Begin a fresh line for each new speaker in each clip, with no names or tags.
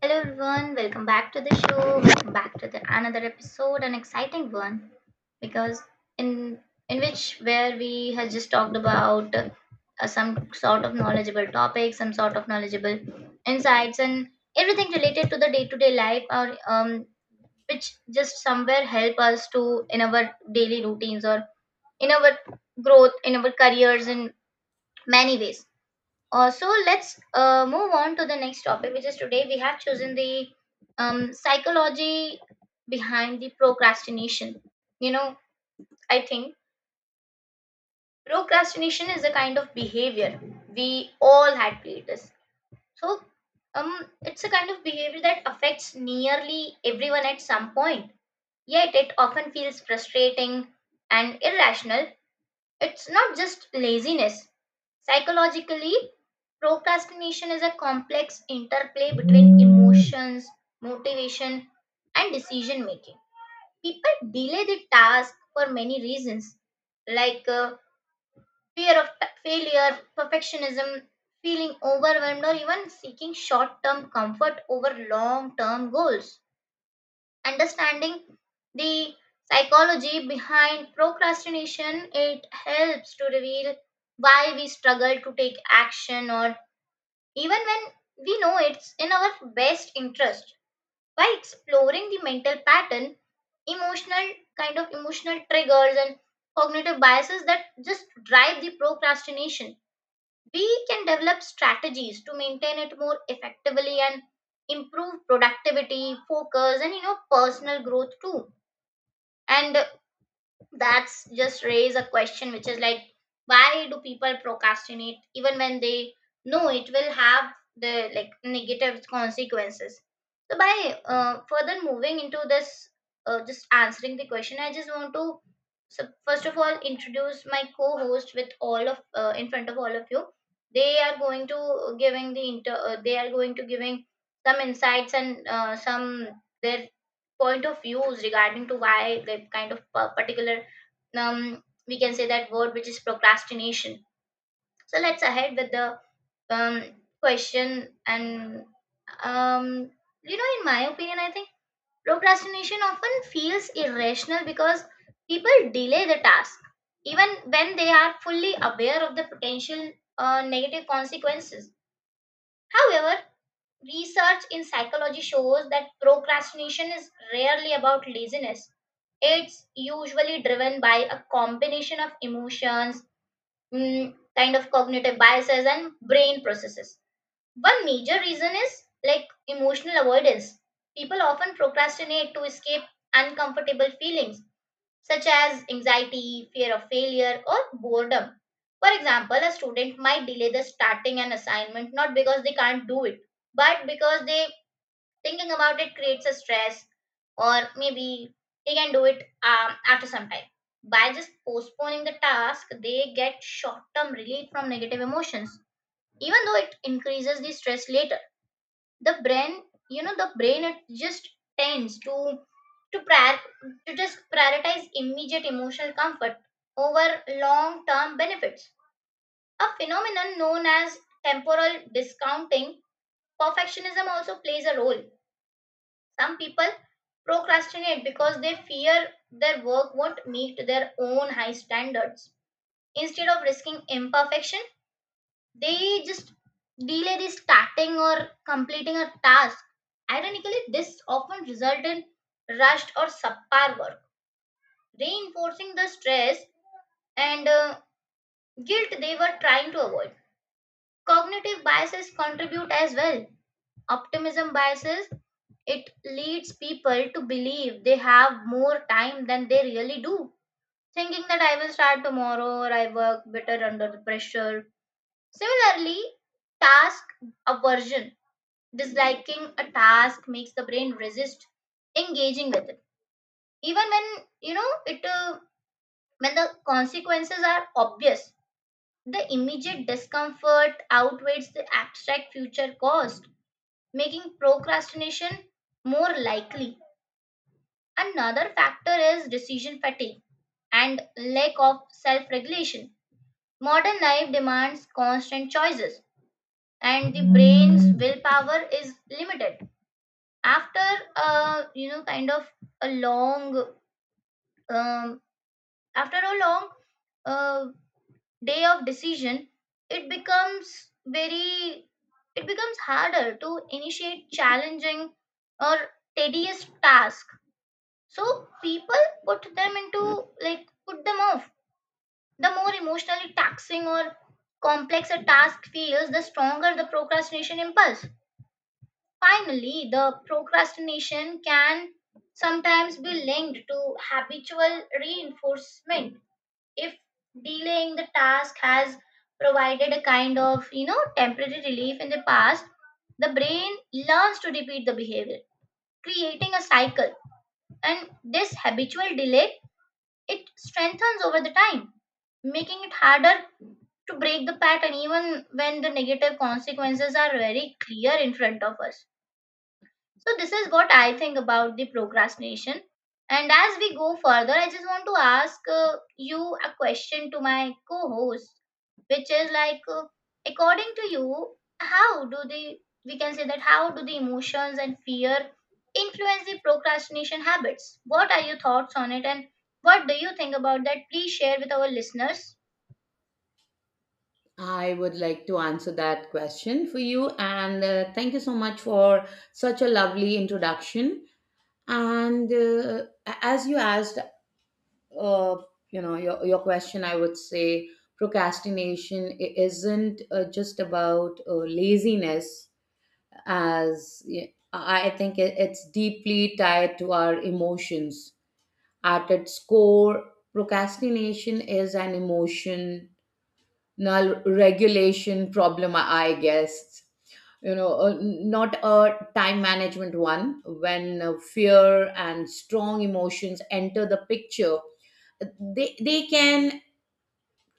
Hello everyone, welcome back to the show. Welcome back to the another episode, an exciting one because in in which where we has just talked about some sort of knowledgeable topics, some sort of knowledgeable insights, and everything related to the day to day life, or which just somewhere help us to in our daily routines or in our growth, in our careers, in many ways. So let's move on to the next topic, which is today we have chosen the psychology behind the procrastination. You know, I think procrastination is a kind of behavior. We all had played this. So it's a kind of behavior that affects nearly everyone at some point. Yet it often feels frustrating and irrational. It's not just laziness. Psychologically, procrastination is a complex interplay between emotions, motivation, and decision making. People delay the task for many reasons, like fear of failure, perfectionism, feeling overwhelmed, or even seeking short term comfort over long term goals. Understanding the psychology behind procrastination, it helps to reveal why we struggle to take action, or even when we know it's in our best interest. By exploring the mental pattern, emotional emotional triggers, and cognitive biases that just drive the procrastination, we can develop strategies to maintain it more effectively and improve productivity, focus, and you know, personal growth too. And that's just raise a question, which is like, why do people procrastinate even when they know it will have the like negative consequences? So by further moving into this, just answering the question, I just want to, so first of all, introduce my co-host with all of in front of all of you. They are going to giving some insights and some their point of views regarding to why the kind of particular um, we can say that word, which is procrastination. So let's ahead with the um, question and um, you know, in my opinion, I think procrastination often feels irrational because people delay the task even when they are fully aware of the potential negative consequences. However, research in psychology shows that procrastination is rarely about laziness. It's usually driven by a combination of emotions, kind of cognitive biases, and brain processes. One major reason is like emotional avoidance. People often procrastinate to escape uncomfortable feelings, such as anxiety, fear of failure, or boredom. For example, a student might delay the starting an assignment not because they can't do it, but because they thinking about it creates a stress, or maybe they can do it after some time. By just postponing the task, they get short-term relief from negative emotions, even though it increases the stress later. The brain, you know, the brain, it just tends to prior, to just prioritize immediate emotional comfort over long-term benefits, a phenomenon known as temporal discounting. Perfectionism also plays a role. Some people procrastinate because they fear their work won't meet their own high standards. Instead of risking imperfection, they just delay the starting or completing a task. Ironically, this often results in rushed or subpar work, reinforcing the stress and guilt they were trying to avoid. Cognitive biases contribute as well. Optimism biases, it leads people to believe they have more time than they really do, thinking that I will start tomorrow, or I work better under the pressure. Similarly, task aversion, disliking a task makes the brain resist engaging with it. Even when, you know, it when the consequences are obvious, the immediate discomfort outweighs the abstract future cost, making procrastination more likely. Another factor is decision fatigue and lack of self regulation. Modern life demands constant choices, and the brain's willpower is limited. After a you know kind of a long um, after a long uh, day of decision, it becomes very it becomes harder to initiate challenging or tedious tasks. So people put them off. The more emotionally taxing or complex a task feels, the stronger the procrastination impulse. Finally, the procrastination can sometimes be linked to habitual reinforcement. If delaying the task has provided a kind of, you know, temporary relief in the past, the brain learns to repeat the behavior, creating a cycle. And this habitual delay, it strengthens over the time, making it harder to break the pattern even when the negative consequences are very clear in front of us. So this is what I think about the procrastination. And as we go further, I just want to ask you a question to my co host, which is like, according to you, how do the we can say that how do the emotions and fear influence the procrastination habits? What are your thoughts on it, and what do you think about that? Please share with our listeners.
I would like to answer that question for you. And Thank you so much for such a lovely introduction. As you asked, uh, your question, I would say procrastination isn't just about laziness, as I think it's deeply tied to our emotions. At its core, procrastination is an emotion null regulation problem, I guess, not a time management one. When fear and strong emotions enter the picture, uh, they can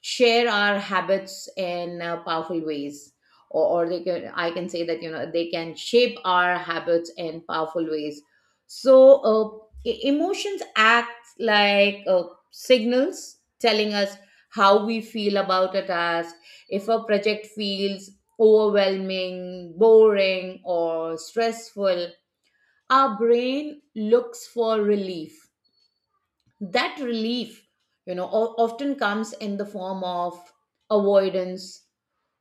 share our habits in powerful ways, or, they can, I can say that, you know, they can shape our habits in powerful ways. so uh, Emotions act like signals telling us how we feel about a task. If a project feels overwhelming, boring, or stressful, our brain looks for relief. That relief, you know, often comes in the form of avoidance,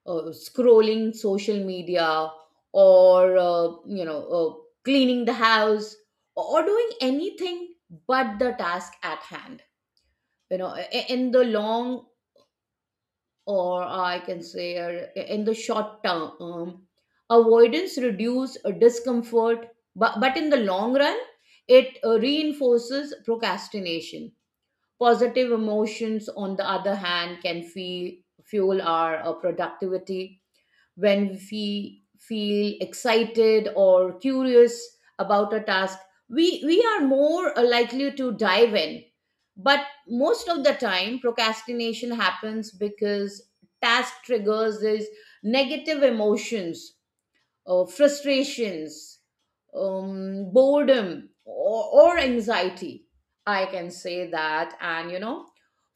scrolling social media, or, cleaning the house, or doing anything but the task at hand. You know I- in the long or I can say In the short term, avoidance reduce discomfort, but in the long run, it reinforces procrastination. Positive emotions, on the other hand, can fuel our productivity. When we feel excited or curious about a task, we are more likely to dive in. But most of the time, procrastination happens because task triggers these negative emotions, frustrations, boredom, or anxiety. I can say that. And you know,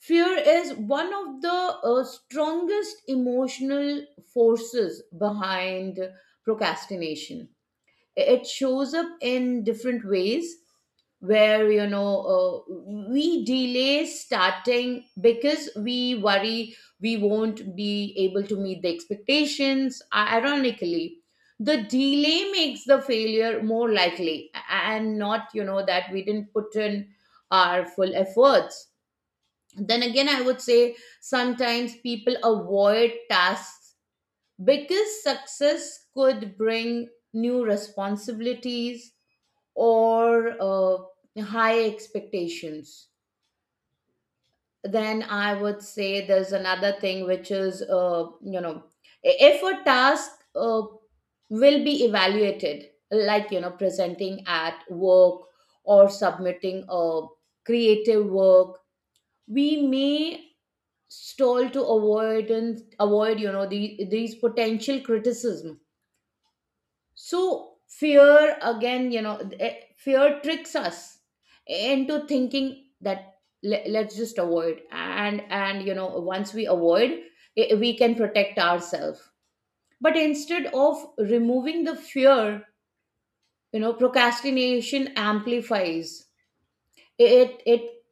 fear is one of the strongest emotional forces behind procrastination. It shows up in different ways, where, we delay starting because we worry we won't be able to meet the expectations. Ironically, the delay makes the failure more likely, and not, you know, that we didn't put in our full efforts. Then again, I would say sometimes people avoid tasks because success could bring new responsibilities or high expectations. Then I would say there's another thing, which is, if a task will be evaluated, like, you know, presenting at work or submitting a creative work, we may stall to avoid, you know, these potential criticism. So fear, again, you know, fear tricks us into thinking that, let's just avoid, and you know, once we avoid, we can protect ourselves. But instead of removing the fear, you know, procrastination amplifies it. It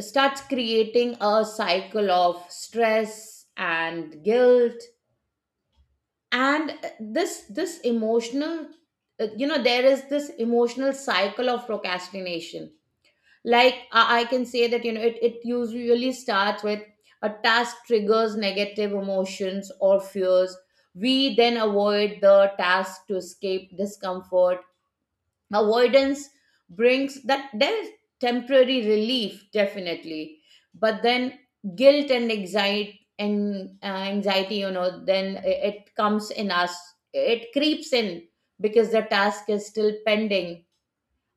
starts creating a cycle of stress and guilt. And this emotional, there is this emotional cycle of procrastination. I can say that, you know, it usually starts with a task triggers negative emotions or fears. We then avoid the task to escape discomfort. Avoidance brings that there's temporary relief, definitely. But then guilt and anxiety, and anxiety, you know, then it comes in us. It creeps in because the task is still pending.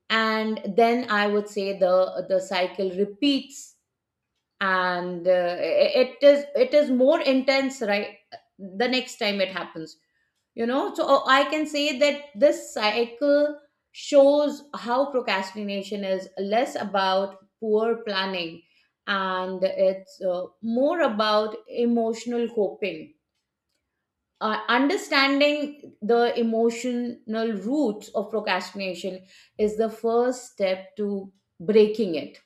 And then I would say the cycle repeats, and uh, it is, it is more intense, right, the next time it happens, you know. So I can say that this cycle shows how procrastination is less about poor planning, and it's more about emotional coping. Understanding the emotional roots of procrastination is the first step to breaking it.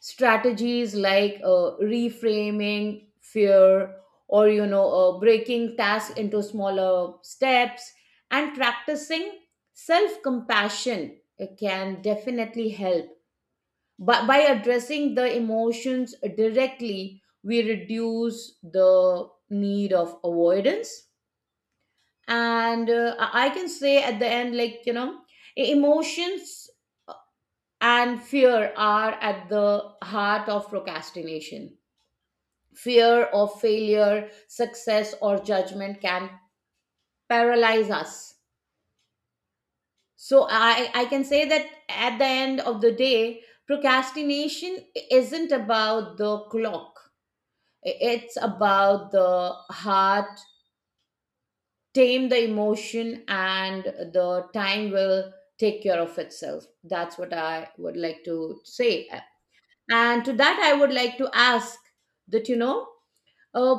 Strategies like reframing fear, or you know, breaking tasks into smaller steps and practicing self compassion can definitely help. But by addressing the emotions directly, we reduce the need of avoidance. And I can say, at the end, like, you know, emotions and fear are at the heart of procrastination. Fear of failure, success, or judgment can paralyze us. So I can say that at the end of the day, procrastination isn't about the clock. It's about the heart. Tame the emotion, and the time will take care of itself. That's what I would like to say. And to that, I would like to ask that, you know, uh,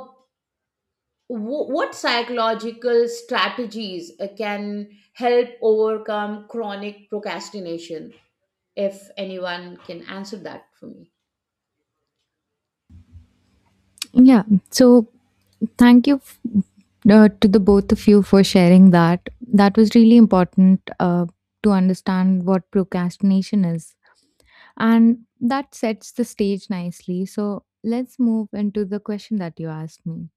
What psychological strategies can help overcome chronic procrastination, if anyone can answer that for me.
Yeah. So thank you to the both of you for sharing that. That was really important. To understand what procrastination is. And that sets the stage nicely. So let's move into the question that you asked me.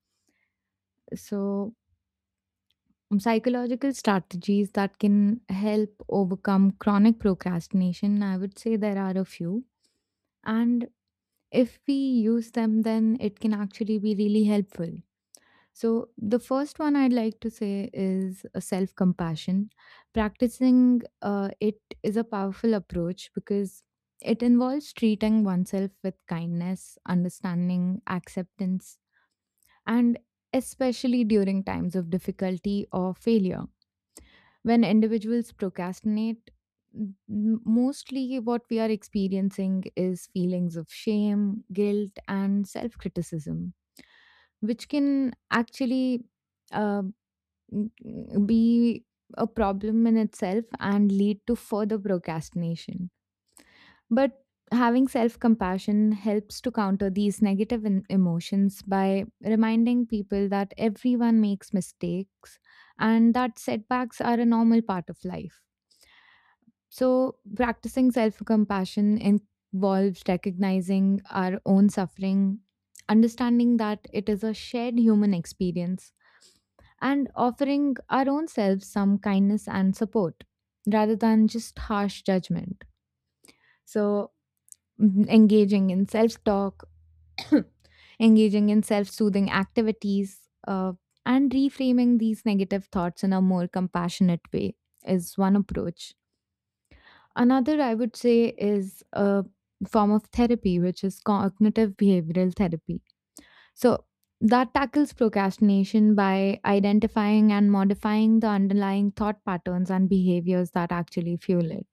So, psychological strategies that can help overcome chronic procrastination, I would say there are a few. And if we use them, then it can actually be really helpful. So, the first one I'd like to say is self compassion. Practicing it is a powerful approach because it involves treating oneself with kindness, understanding, acceptance, and especially during times of difficulty or failure. When individuals procrastinate, m- mostly what we are experiencing is feelings of shame, guilt, and self criticism, which can actually uh, be a problem in itself and lead to further procrastination. But having self compassion helps to counter these negative emotions by reminding people that everyone makes mistakes and that setbacks are a normal part of life. So, practicing self compassion involves recognizing our own suffering, understanding that it is a shared human experience and offering our own selves some kindness and support rather than just harsh judgment. So, engaging in self talk, engaging in self soothing activities, uh, and reframing these negative thoughts in a more compassionate way is one approach. Another, I would say, is a form of therapy, which is cognitive behavioral therapy. So that tackles procrastination by identifying and modifying the underlying thought patterns and behaviors that actually fuel it.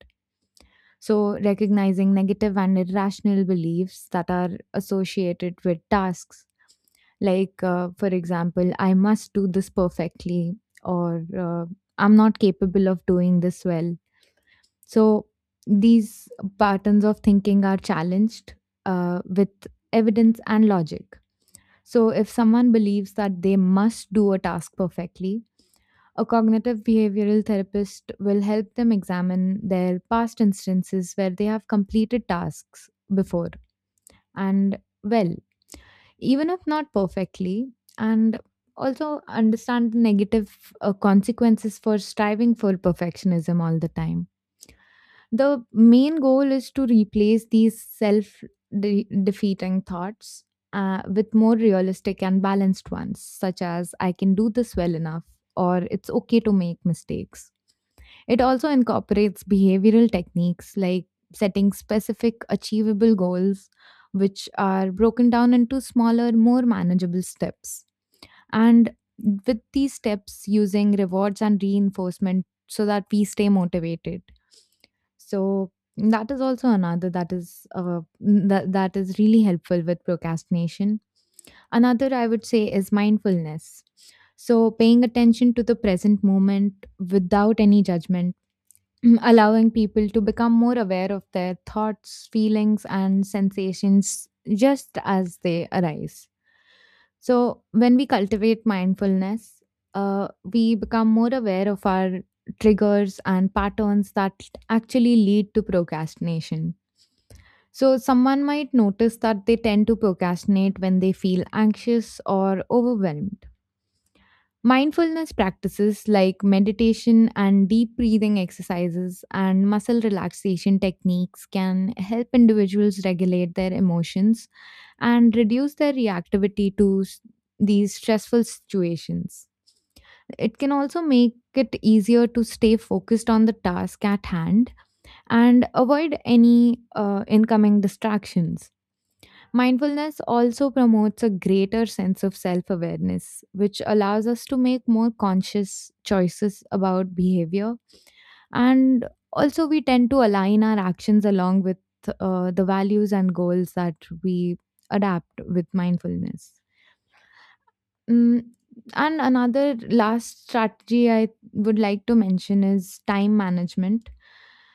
So, recognizing negative and irrational beliefs that are associated with tasks, like, for example, I must do this perfectly, or I'm not capable of doing this well. So, these patterns of thinking are challenged with evidence and logic. So, if someone believes that they must do a task perfectly, a cognitive behavioral therapist will help them examine their past instances where they have completed tasks before and well, even if not perfectly, and also understand the negative consequences for striving for perfectionism all the time. The main goal is to replace these self defeating thoughts with more realistic and balanced ones, such as I can do this well enough or it's okay to make mistakes. It also incorporates behavioral techniques like setting specific, achievable goals, which are broken down into smaller, more manageable steps. And with these steps, using rewards and reinforcement so that we stay motivated. So that is also another that that is really helpful with procrastination. Another I would say is mindfulness. So paying attention to the present moment without any judgment, allowing people to become more aware of their thoughts, feelings and sensations just as they arise. So, when we cultivate mindfulness, we become more aware of our triggers and patterns that actually lead to procrastination. So, someone might notice that they tend to procrastinate when they feel anxious or overwhelmed. Mindfulness practices like meditation and deep breathing exercises and muscle relaxation techniques can help individuals regulate their emotions and reduce their reactivity to these stressful situations. It can also make it easier to stay focused on the task at hand and avoid any incoming distractions. Mindfulness also promotes a greater sense of self awareness, which allows us to make more conscious choices about behavior. And also, we tend to align our actions along with the values and goals that we adapt with mindfulness. Mm, and another last strategy I would like to mention is time management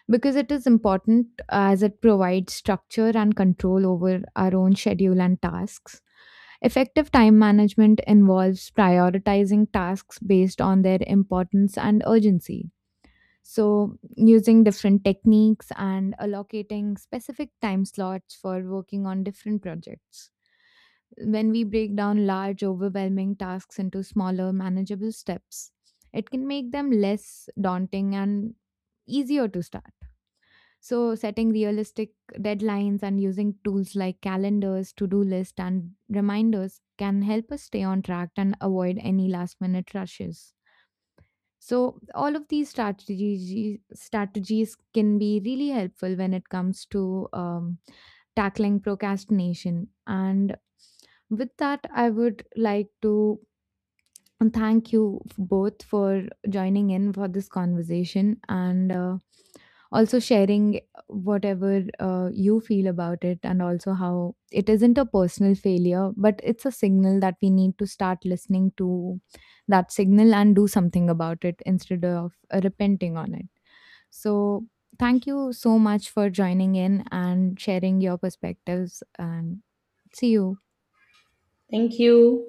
because it is important as it provides structure and control over our own schedule and tasks. Effective time management involves prioritizing tasks based on their importance and urgency. So, using different techniques and allocating specific time slots for working on different projects. When we break down large, overwhelming tasks into smaller, manageable steps, it can make them less daunting and easier to start. So, setting realistic deadlines and using tools like calendars, to do list, and reminders can help us stay on track and avoid any last minute rushes. So, all of these strategies can be really helpful when it comes to tackling procrastination. And with that, I would like to and thank you both for joining in for this conversation and also sharing whatever you feel about it, and also how it isn't a personal failure, but it's a signal that we need to start listening to that signal and do something about it instead of repenting on it. So, thank you so much for joining in and sharing your perspectives, and see you.
Thank you.